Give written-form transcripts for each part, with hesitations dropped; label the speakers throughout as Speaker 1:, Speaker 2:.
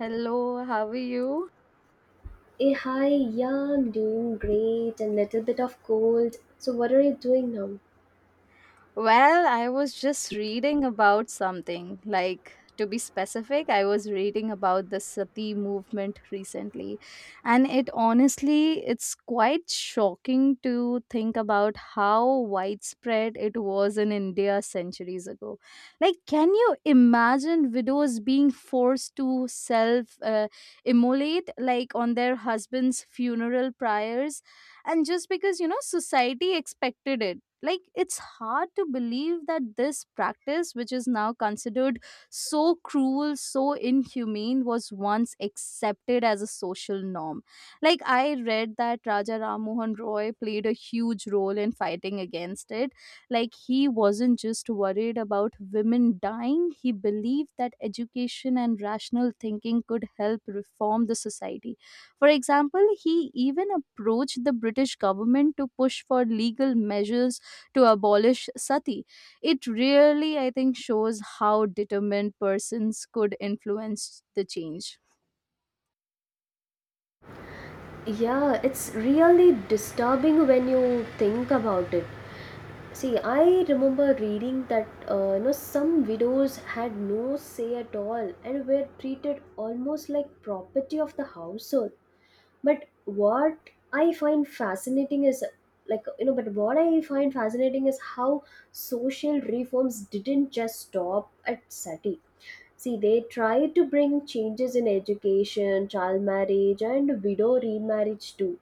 Speaker 1: Hello, how are you?
Speaker 2: Hey, hi, yeah, I'm doing great and little bit of cold. So what are you doing now?
Speaker 1: Well, I was just reading about something. Like, to be specific, I was reading about the Sati movement recently. And it honestly, it's quite shocking to think about how widespread it was in India centuries ago. Like, can you imagine widows being forced to self immolate, like on their husband's funeral pyres? And just because, society expected it, like it's hard to believe that this practice, which is now considered so cruel, so inhumane, was once accepted as a social norm. Like, I read that raja ram mohan roy played a huge role in fighting against it. Like he wasn't just worried about women dying, he believed that education and rational thinking could help reform the society. For example, he even approached the british government to push for legal measures to abolish sati. It really, I think, shows how determined persons could influence the change.
Speaker 2: Yeah, it's really disturbing when you think about it. See, I remember reading that you know some widows had no say at all and were treated almost like property of the household. But what I find fascinating is like you know, but what I find fascinating is how social reforms didn't just stop at sati. See, they try to bring changes in education, child marriage, and widow remarriage too.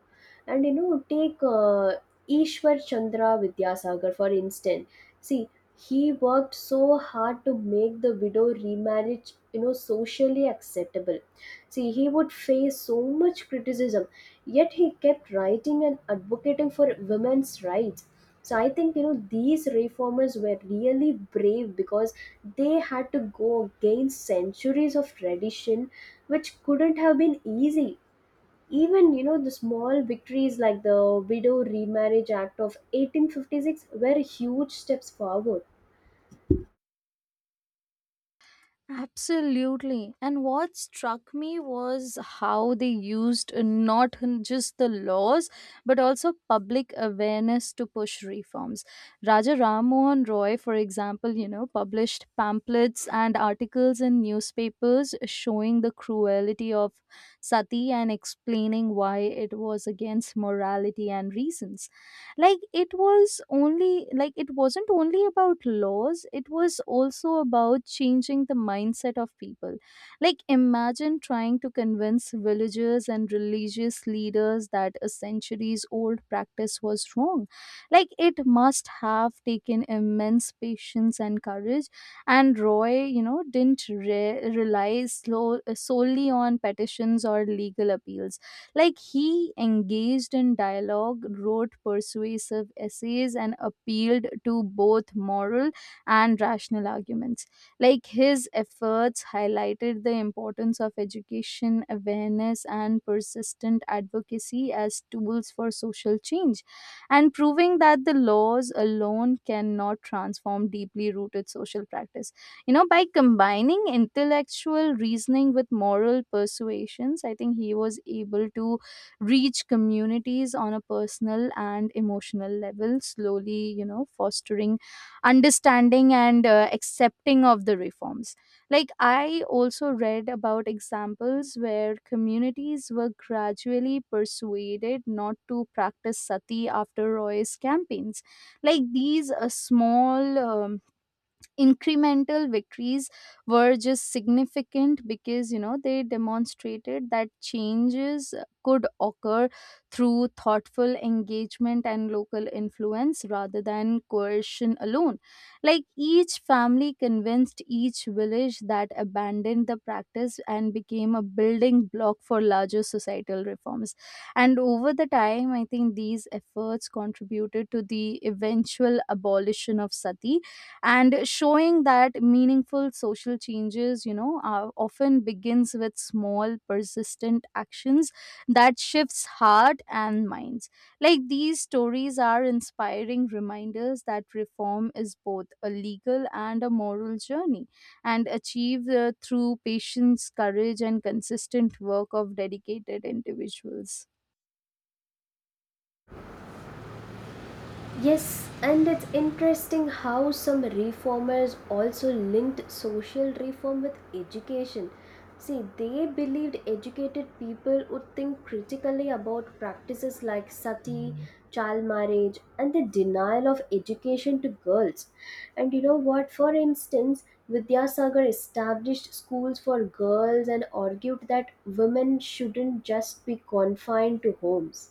Speaker 2: And you know, take Ishwar Chandra Vidyasagar for instance. See, he worked so hard to make the widow remarriage, you know, socially acceptable. See, he would face so much criticism, yet he kept writing and advocating for women's rights. So I think you know these reformers were really brave because they had to go against centuries of tradition which couldn't have been easy, even you know the small victories like the widow remarriage act of 1856 were huge steps forward.
Speaker 1: Absolutely. And what struck me was how they used not just the laws, but also public awareness to push reforms. Raja Ram Mohan Roy, for example, published pamphlets and articles in newspapers showing the cruelty of sati and explaining why it was against morality and reasons. Like it was only, like it wasn't only about laws, it was also about changing the mindset of people. Like, imagine trying to convince villagers and religious leaders that a centuries old practice was wrong. Like it must have taken immense patience and courage. And roy, didn't rely solely on petitions or legal appeals. Like he engaged in dialogue, wrote persuasive essays, and appealed to both moral and rational arguments. Like his efforts highlighted the importance of education, awareness, and persistent advocacy as tools for social change, and proving that the laws alone cannot transform deeply rooted social practices. You know, by combining intellectual reasoning with moral persuasions, I think he was able to reach communities on a personal and emotional level, slowly, fostering understanding and accepting of the reforms. Like I also read about examples where communities were gradually persuaded not to practice sati after roy's campaigns. Like these small incremental victories were just significant because, they demonstrated that changes could occur through thoughtful engagement and local influence rather than coercion alone. Like each family convinced, each village that abandoned the practice, and became a building block for larger societal reforms. And over the time, I think these efforts contributed to the eventual abolition of sati, and showing that meaningful social changes, often begins with small persistent actions that shifts heart and minds. Like these stories are inspiring reminders that reform is both a legal and a moral journey, and achieved through patience, courage, and consistent work of dedicated individuals.
Speaker 2: Yes, and it's interesting how some reformers also linked social reform with education. See, they believed educated people would think critically about practices like sati, child marriage, and the denial of education to girls. And you know what? For instance, Vidyasagar established schools for girls and argued that women shouldn't just be confined to homes.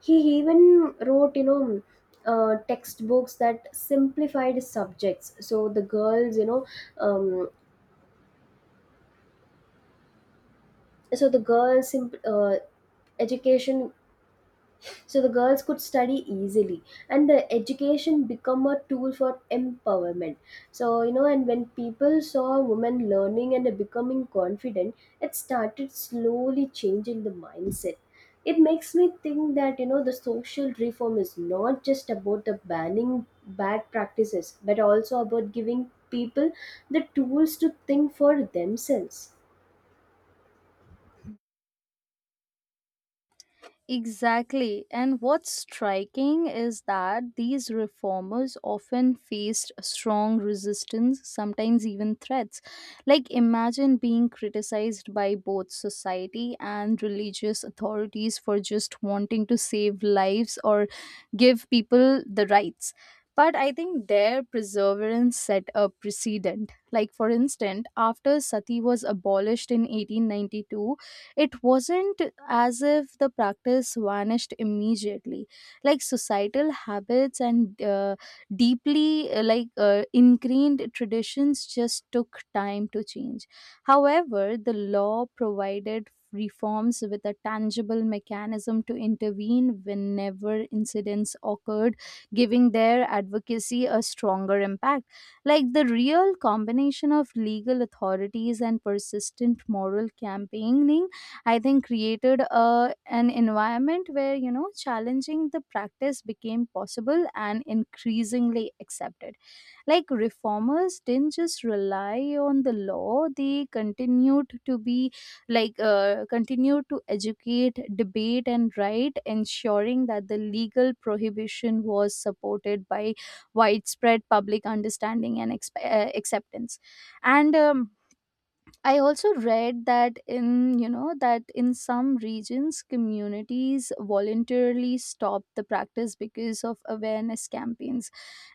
Speaker 2: He even wrote, you know, textbooks that simplified subjects so the girls, you know, um, so the girls simp- uh, education, so the girls could study easily and the education become a tool for empowerment. So you know, and when people saw women learning and becoming confident, it started slowly changing the mindset. It makes me think that you know the social reform is not just about the banning bad practices but also about giving people the tools to think for themselves.
Speaker 1: Exactly. And what's striking is that these reformers often faced strong resistance, sometimes even threats. Like, imagine being criticized by both society and religious authorities for just wanting to save lives or give people the rights. But I think their perseverance set a precedent. Like, for instance, after sati was abolished in 1892, it wasn't as if the practice vanished immediately. Like societal habits and deeply ingrained traditions just took time to change. However, the law provided reforms with a tangible mechanism to intervene whenever incidents occurred, giving their advocacy a stronger impact. Like the real combination of legal authorities and persistent moral campaigning, I think, created a an environment where, challenging the practice became possible and increasingly accepted. Like reformers didn't just rely on the law; they continued to be continued to educate, debate, and write, ensuring that the legal prohibition was supported by widespread public understanding and acceptance. And I also read that in, some regions, communities voluntarily stop the practice because of awareness campaigns.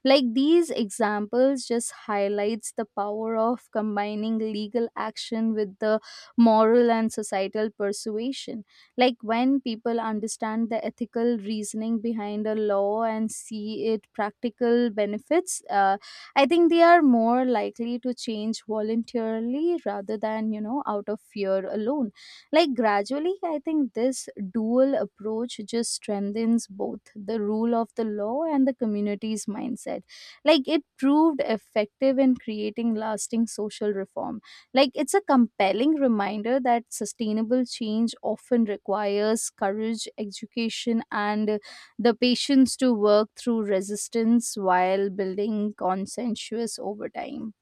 Speaker 1: Like these examples just highlights the power of combining legal action with the moral and societal persuasion. Like when people understand the ethical reasoning behind a law and see it practical benefits, I think they are more likely to change voluntarily rather than, you know, out of fear alone. Like gradually, I think this dual approach just strengthens both the rule of the law and the community's mindset. Like it proved effective in creating lasting social reform. Like it's a compelling reminder that sustainable change often requires courage, education, and the patience to work through resistance while building consensus over time.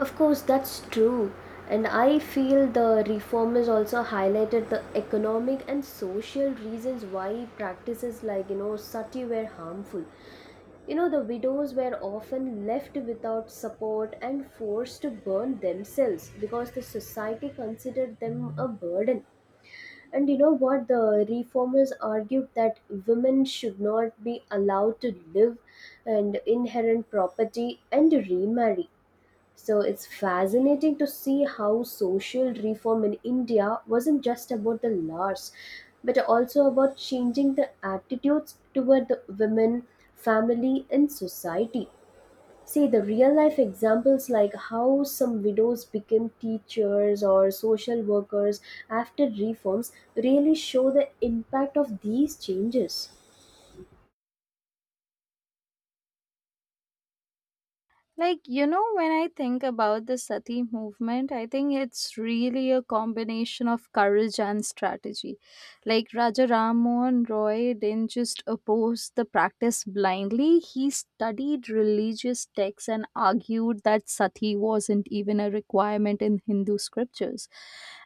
Speaker 2: Of course, that's true. And I feel the reformers also highlighted the economic and social reasons why practices like, you know, sati were harmful. You know, the widows were often left without support and forced to burn themselves because the society considered them a burden. And you know what? The reformers argued that women should not be allowed to live and inherit property and remarry. So it's fascinating to see how social reform in India wasn't just about the laws, but also about changing the attitudes toward the women, family, and society. See, the real life examples like how some widows became teachers or social workers after reforms really show the impact of these changes.
Speaker 1: Like, you know, when I think about the Sati movement, I think it's really a combination of courage and strategy. Like, Raja Ram Mohan Roy didn't just oppose the practice blindly, he studied religious texts and argued that Sati wasn't even a requirement in Hindu scriptures.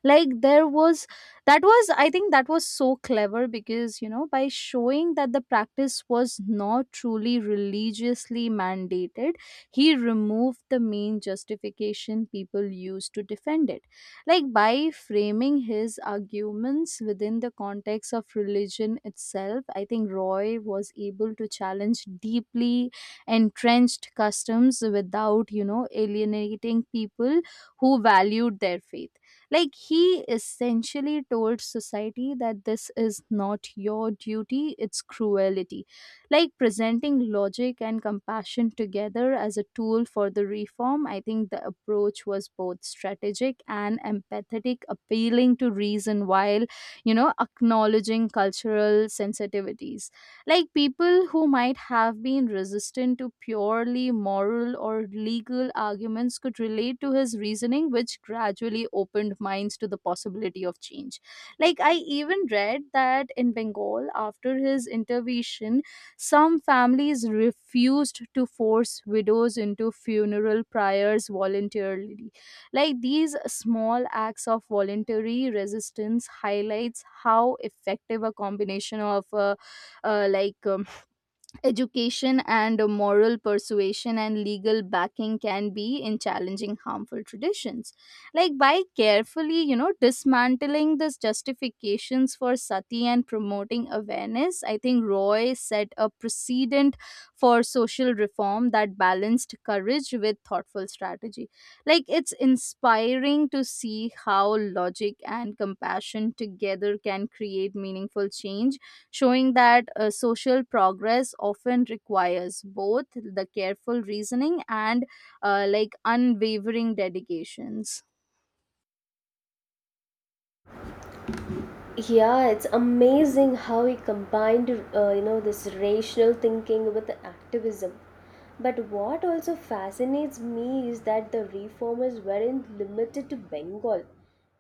Speaker 1: Like, there was that was, I think, that was so clever because, you know, by showing that the practice was not truly religiously mandated, he removed the main justification people used to defend it. Like by framing his arguments within the context of religion itself, I think Roy was able to challenge deeply entrenched customs without, you know, alienating people who valued their faith. Like he essentially told society that this is not your duty, it's cruelty. Like presenting logic and compassion together as a tool for the reform, I think the approach was both strategic and empathetic, appealing to reason while, acknowledging cultural sensitivities. Like people who might have been resistant to purely moral or legal arguments could relate to his reasoning, which gradually opened minds to the possibility of change. Like I even read that in bengal, after his intervention, some families refused to force widows into funeral pyres voluntarily. Like these small acts of voluntary resistance highlights how effective a combination of uh, like um, Education and a moral persuasion and legal backing can be in challenging harmful traditions. Like by carefully, you know, dismantling these justifications for sati and promoting awareness, I think Roy set a precedent for social reform that balanced courage with thoughtful strategy. Like it's inspiring to see how logic and compassion together can create meaningful change, showing that social progress often requires both the careful reasoning and unwavering dedications.
Speaker 2: Yeah, it's amazing how he combined you know this rational thinking with activism. But what also fascinates me is that the reformers weren't limited to Bengal.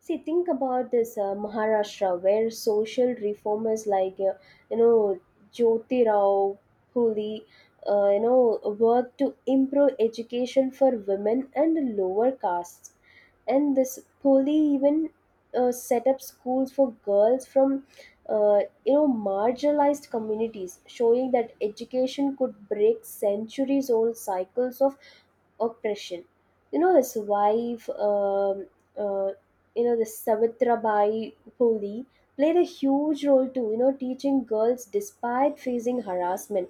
Speaker 2: See, think about this, Maharashtra, where social reformers like you know, Jyoti Rao Huli, you know, worked to improve education for women and lower castes. And this Poli even, set up schools for girls from, you know, marginalized communities, showing that education could break centuries old cycles of oppression. You know, his wife, uh, you know, the Savitrabai Phule played a huge role too, you know, teaching girls despite facing harassment.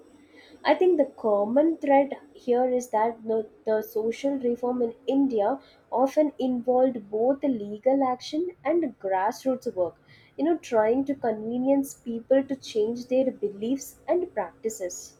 Speaker 2: I think the common thread here is that the social reform in India often involved both legal action and grassroots work, you know, trying to convenience people to change their beliefs and practices.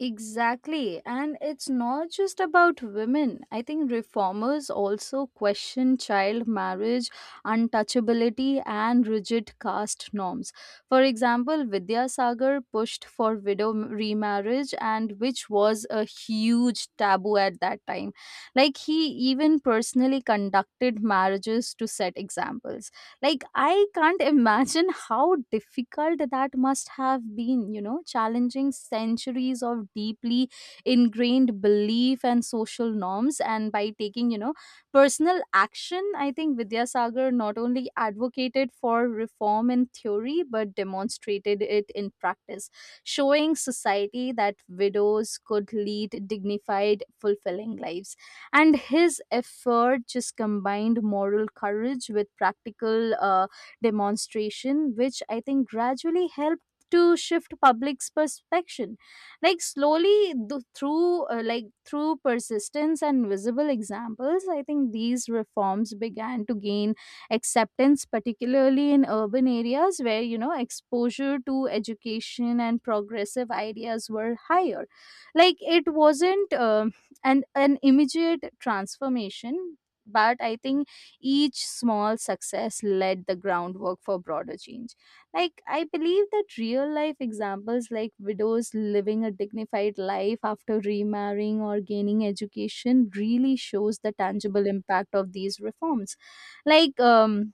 Speaker 1: Exactly. And it's not just about women. I think reformers also question child marriage, untouchability, and rigid caste norms. For example, Vidyasagar pushed for widow remarriage, and which was a huge taboo at that time. Like, he even personally conducted marriages to set examples. Like, I can't imagine how difficult that must have been, you know, challenging centuries of deeply ingrained belief and social norms. And by taking, you know, personal action, I think Vidyasagar not only advocated for reform in theory, but demonstrated it in practice, showing society that widows could lead dignified, fulfilling lives, and his effort just combined moral courage with practical demonstration, which I think gradually helped to shift public's perception. Like slowly through persistence and visible examples, I think these reforms began to gain acceptance, particularly in urban areas where, you know, exposure to education and progressive ideas were higher. Like it wasn't and an immediate transformation. But I think each small success laid the groundwork for broader change. Like, I believe that real life examples like widows living a dignified life after remarrying or gaining education really shows the tangible impact of these reforms. Like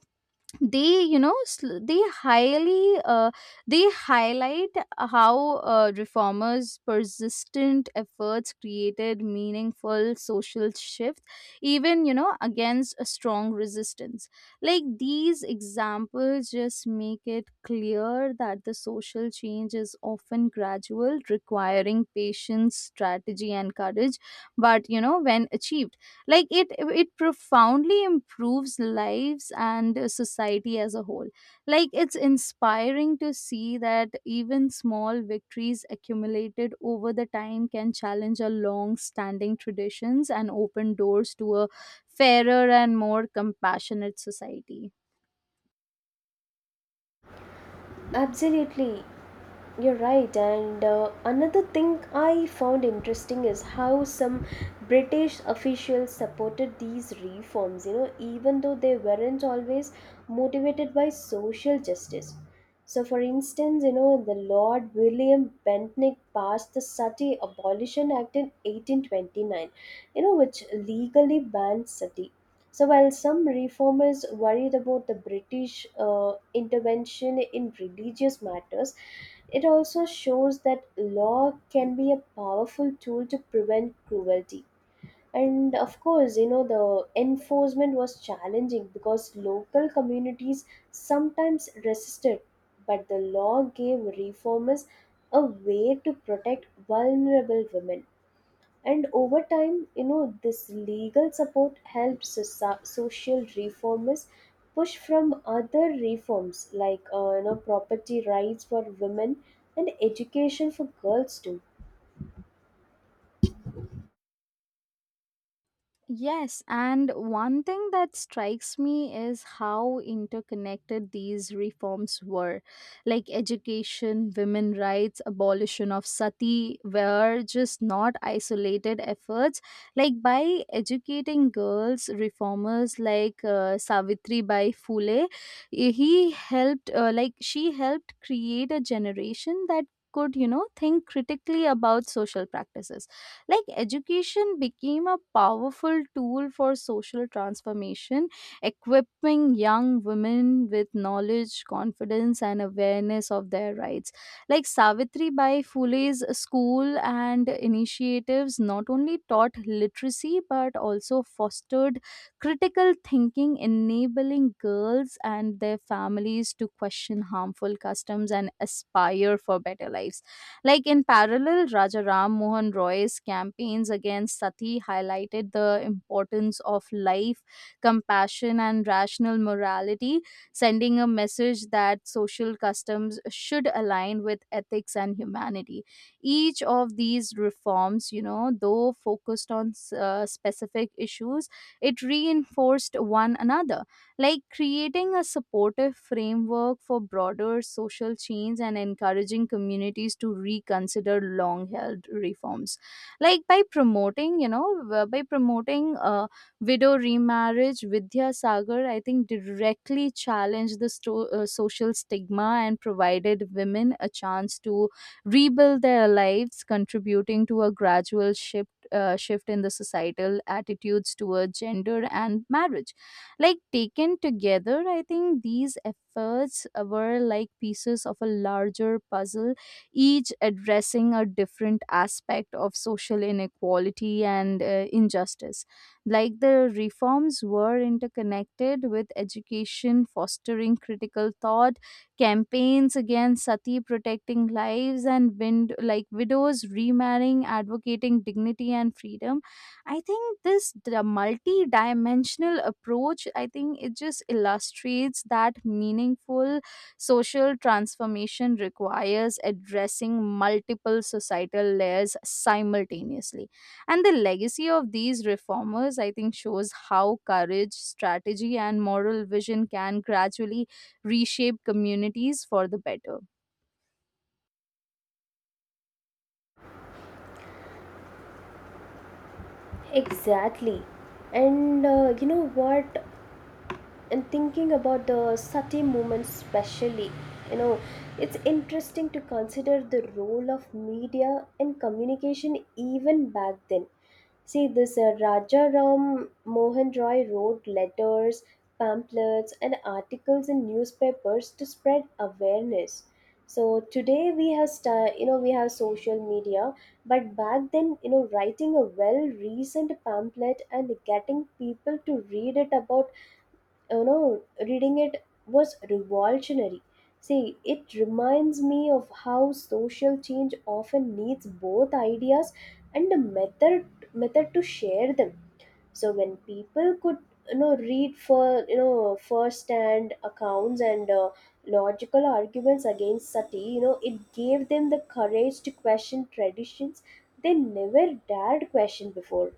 Speaker 1: they you know sl- they highly they highlight how reformers persistent efforts created meaningful social shift, even, you know, against a strong resistance. Like these examples just make it clear that the social change is often gradual, requiring patience, strategy, and courage. But, you know, when achieved, like it profoundly improves lives and society as a whole. Like it's inspiring to see that even small victories accumulated over the time can challenge a long standing traditions and open doors to a fairer and more compassionate society.
Speaker 2: Absolutely. You're right, and another thing I found interesting is how some British officials supported these reforms, you know, even though they weren't always motivated by social justice. So, for instance, you know, the Lord William Bentinck passed the Sati Abolition Act in 1829, you know, which legally banned sati. So, while some reformers worried about the British intervention in religious matters, it also shows that law can be a powerful tool to prevent cruelty. And of course, you know, the enforcement was challenging because local communities sometimes resisted, but the law gave reformers a way to protect vulnerable women. And over time, you know, this legal support helps social reformers push from other reforms like, you know, property rights for women and education for girls too.
Speaker 1: Yes, and one thing that strikes me is how interconnected these reforms were. Like education, women rights, abolition of sati were just not isolated efforts. Like by educating girls, reformers like Savitri Bai Phule, he helped, like she helped create a generation that could, you know, think critically about social practices. Like education became a powerful tool for social transformation, equipping young women with knowledge, confidence, and awareness of their rights. Like Savitri Bai Phule's school and initiatives not only taught literacy but also fostered critical thinking, enabling girls and their families to question harmful customs and aspire for better lives. Like in parallel, Rajaram Mohan Roy's campaigns against sati highlighted the importance of life, compassion, and rational morality, sending a message that social customs should align with ethics and humanity. Each of these reforms, you know, though focused on specific issues, it reinforced one another, like creating a supportive framework for broader social change and encouraging communities to reconsider long held reforms, like by promoting, you know, w- by promoting widow remarriage. Vidya Sagar, I think, directly challenged the social stigma and provided women a chance to rebuild their lives, contributing to a gradual shift in the societal attitudes toward gender and marriage. Like taken together, I think these efforts were like pieces of a larger puzzle, each addressing a different aspect of social inequality and injustice. Like the reforms were interconnected, with education fostering critical thought, campaigns against sati protecting lives, and like widows remarrying advocating dignity and freedom. I think this multi-dimensional approach, I think it just illustrates that meaningful social transformation requires addressing multiple societal layers simultaneously. And the legacy of these reformers, I think, shows how courage, strategy, and moral vision can gradually reshape communities for the better.
Speaker 2: Exactly. And you know what? And thinking about the sati movement specially, you know, it's interesting to consider the role of media and communication even back then. See, this Raja Ram Mohan Roy wrote letters, pamphlets and articles in newspapers to spread awareness. So today we have you know, we have social media, but back then, you know, writing a well reasoned pamphlet and getting people to read it about, you know, reading it was revolutionary. See, it reminds me of how social change often needs both ideas and a method to share them. So when people could, you know, read for, you know, first hand accounts and logical arguments against sati, you know, it gave them the courage to question traditions they never dared question before.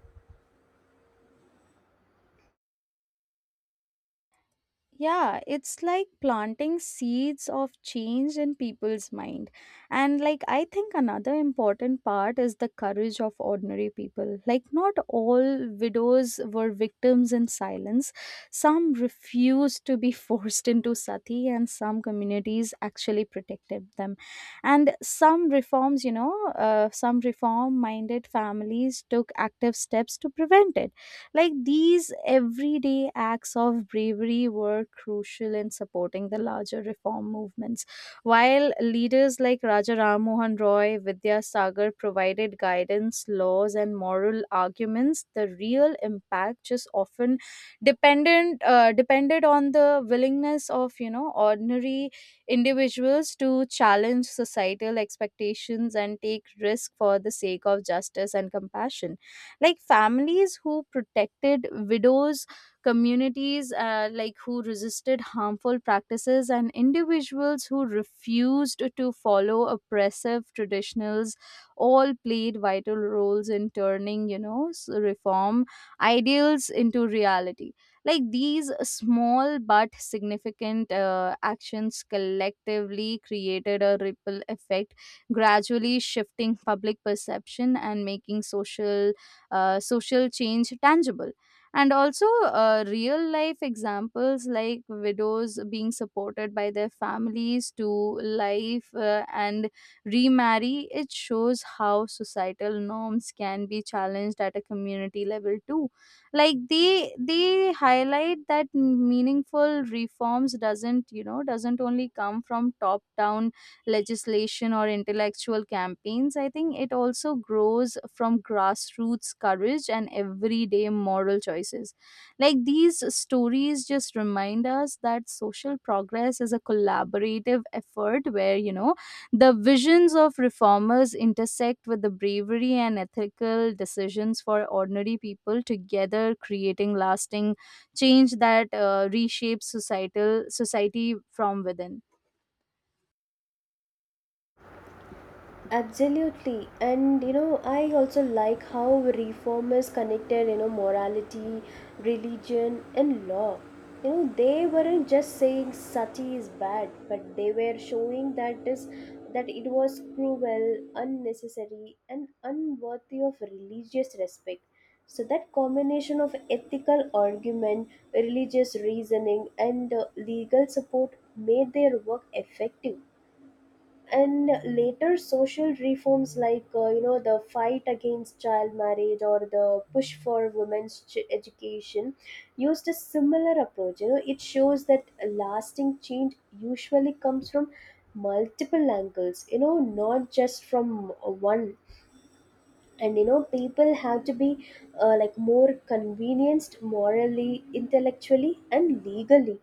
Speaker 1: Yeah, it's like planting seeds of change in people's mind. And like I think another important part is the courage of ordinary people. Like not all widows were victims in silence. Some refused to be forced into sati, and some communities actually protected them. And some reforms, you know, some reform minded families took active steps to prevent it. Like these everyday acts of bravery were crucial in supporting the larger reform movements. While leaders like Raja Ram Mohan Roy, Vidya Sagar provided guidance, laws, and moral arguments, the real impact just often dependent depended on the willingness of, you know, ordinary individuals to challenge societal expectations and take risk for the sake of justice and compassion. Like families who protected widows, communities like who resisted harmful practices, and individuals who refused to follow oppressive traditionals all played vital roles in turning, you know, reform ideals into reality. Like these small but significant actions collectively created a ripple effect, gradually shifting public perception and making social change tangible. And also, real life examples like widows being supported by their families to life and remarry, it shows how societal norms can be challenged at a community level too. Like they highlight that meaningful reforms doesn't, you know, doesn't only come from top down legislation or intellectual campaigns. I think it also grows from grassroots courage and everyday moral choices. Like these stories just remind us that social progress is a collaborative effort where, you know, the visions of reformers intersect with the bravery and ethical decisions for ordinary people, together creating lasting change that reshapes societal society from within.
Speaker 2: Absolutely. And you know, I also like how reformers connected, you know, morality, religion, and law. You know, they weren't just saying sati is bad, but they were showing that it was cruel, unnecessary, and unworthy of religious respect. So that combination of ethical argument, religious reasoning, and legal support made their work effective. And later social reforms like, you know, the fight against child marriage or the push for women's education used a similar approach. You know, it shows that lasting change usually comes from multiple angles, you know, not just from one. And you know, people have to be like more convenienced morally, intellectually and legally.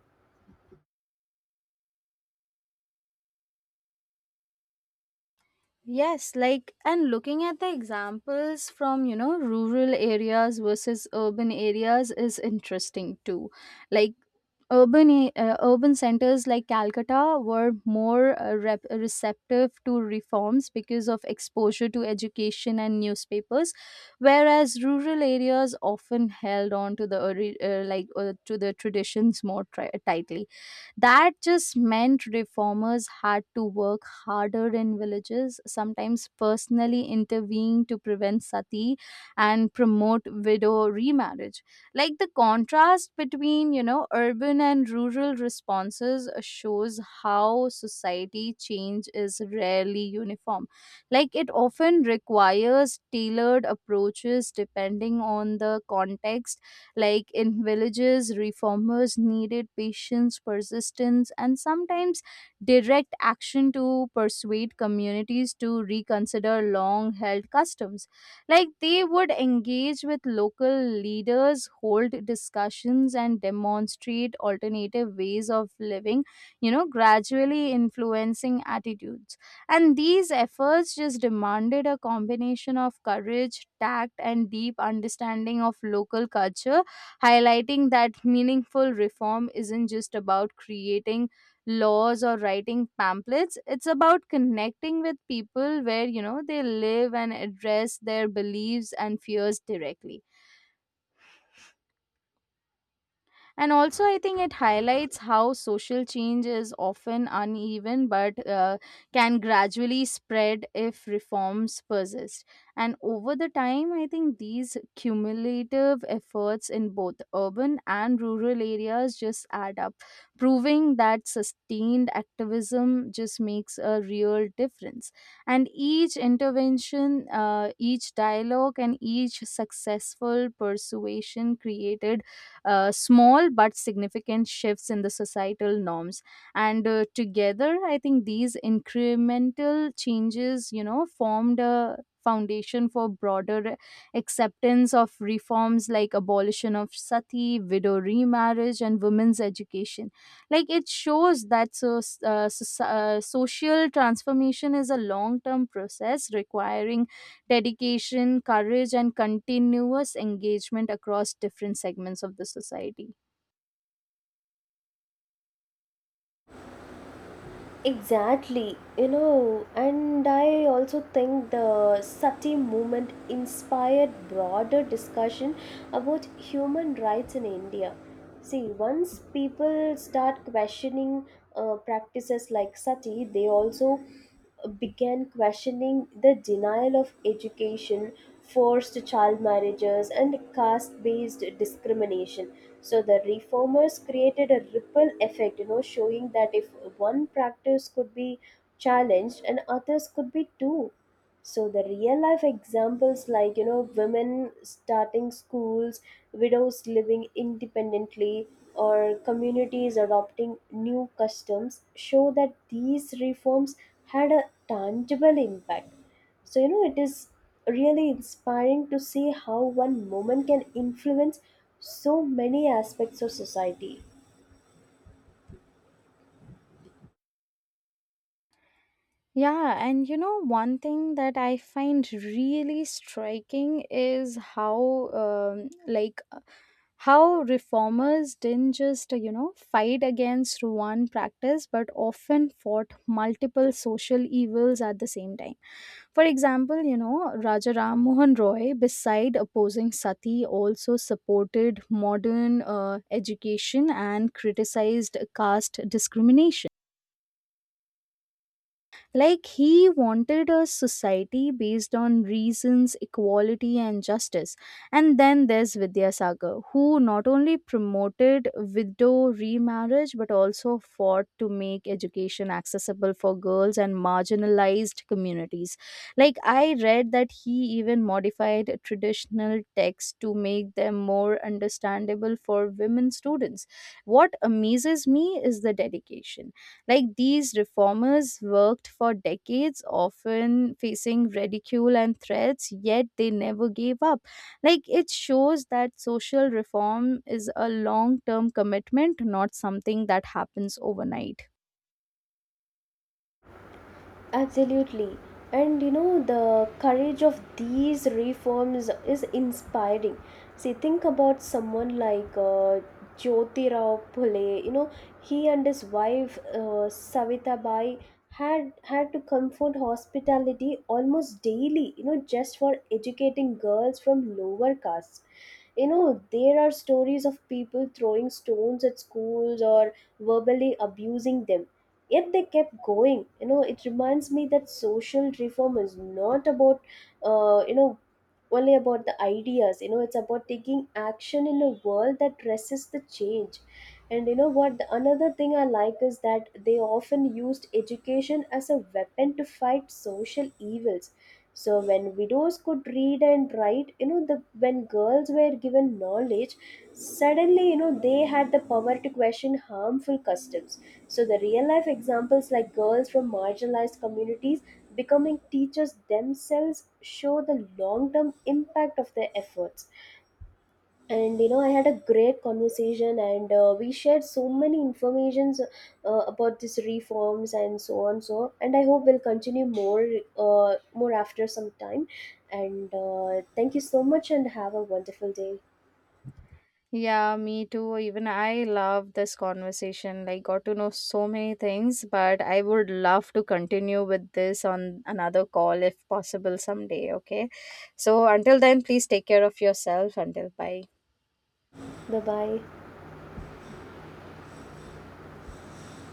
Speaker 1: Yes, like and looking at the examples from, you know, rural areas versus urban areas is interesting too. Like urban centers like Calcutta were more receptive to reforms because of exposure to education and newspapers, whereas rural areas often held on to the to the traditions more tightly. That just meant reformers had to work harder in villages, sometimes personally intervene to prevent sati and promote widow remarriage. Like the contrast between, you know, urban and rural responses shows how society change is rarely uniform. Like it often requires tailored approaches depending on the context. Like in villages, reformers needed patience, persistence, and sometimes direct action to persuade communities to reconsider long held customs. Like they would engage with local leaders, hold discussions, and demonstrate alternative ways of living, you know, gradually influencing attitudes. And these efforts just demanded a combination of courage, tact, and deep understanding of local culture, highlighting that meaningful reform isn't just about creating laws or writing pamphlets. It's about connecting with people where, you know, they live and address their beliefs and fears directly. And also, I think it highlights how social change is often uneven but can gradually spread if reforms persist. And over the time, I think these cumulative efforts in both urban and rural areas just add up, proving that sustained activism just makes a real difference. And each intervention, each dialogue, and each successful persuasion created small but significant shifts in the societal norms, and together I think these incremental changes, you know, formed a foundation for broader acceptance of reforms like abolition of sati, widow remarriage, and women's education. Like it shows that social transformation is a long term process requiring dedication, courage, and continuous engagement across different segments of the society.
Speaker 2: Exactly, you know, and I also think the Sati movement inspired broader discussion about human rights in India. See, once people start questioning practices like Sati, they also began questioning the denial of education, forced child marriages, and caste based discrimination. So the reformers created a ripple effect, you know, showing that if one practice could be challenged and others could be too. So the real life examples like, you know, women starting schools, widows living independently, or communities adopting new customs show that these reforms had a tangible impact. So you know, it is really inspiring to see how one moment can influence so many aspects of society.
Speaker 1: Yeah, and you know, one thing that I find really striking is how, like, how reformers didn't just, you know, fight against one practice but often fought multiple social evils at the same time. For example, you know, Raja Ram Mohan Roy, beside opposing sati, also supported modern education and criticized caste discrimination. Like he wanted a society based on reasons, equality, and justice. And then there's Vidyasagar, who not only promoted widow remarriage but also fought to make education accessible for girls and marginalized communities. Like I read that he even modified traditional texts to make them more understandable for women students. What amazes me is the dedication. Like these reformers worked for decades, often facing ridicule and threats, yet they never gave up. Like it shows that social reform is a long term commitment, not something that happens overnight.
Speaker 2: Absolutely. And you know, the courage of these reforms is inspiring. See, think about someone like Jyotirao Phule. You know, he and his wife, Savitabai, had to comfort hospitality almost daily, you know, just for educating girls from lower castes. You know, there are stories of people throwing stones at schools or verbally abusing them, yet they kept going. You know, it reminds me that social reform is not about, you know, only about the ideas. You know, it's about taking action in a world that resists the change. And you know what, the another thing I like is that they often used education as a weapon to fight social evils. So when widows could read and write, you know, the when girls were given knowledge, suddenly, you know, they had the power to question harmful customs. So the real life examples like, girls from marginalized communities becoming teachers themselves show the long term impact of their efforts. And you know, I had a great conversation and we shared so many informations about these reforms and so on. So, and I hope we'll continue more more after some time. And thank you so much and have a wonderful day.
Speaker 1: Yeah, me too. Even I love this conversation. Like, got to know so many things, but I would love to continue with this on another call if possible someday. Okay. So, until then, please take care of yourself. Until bye.
Speaker 2: Bye bye.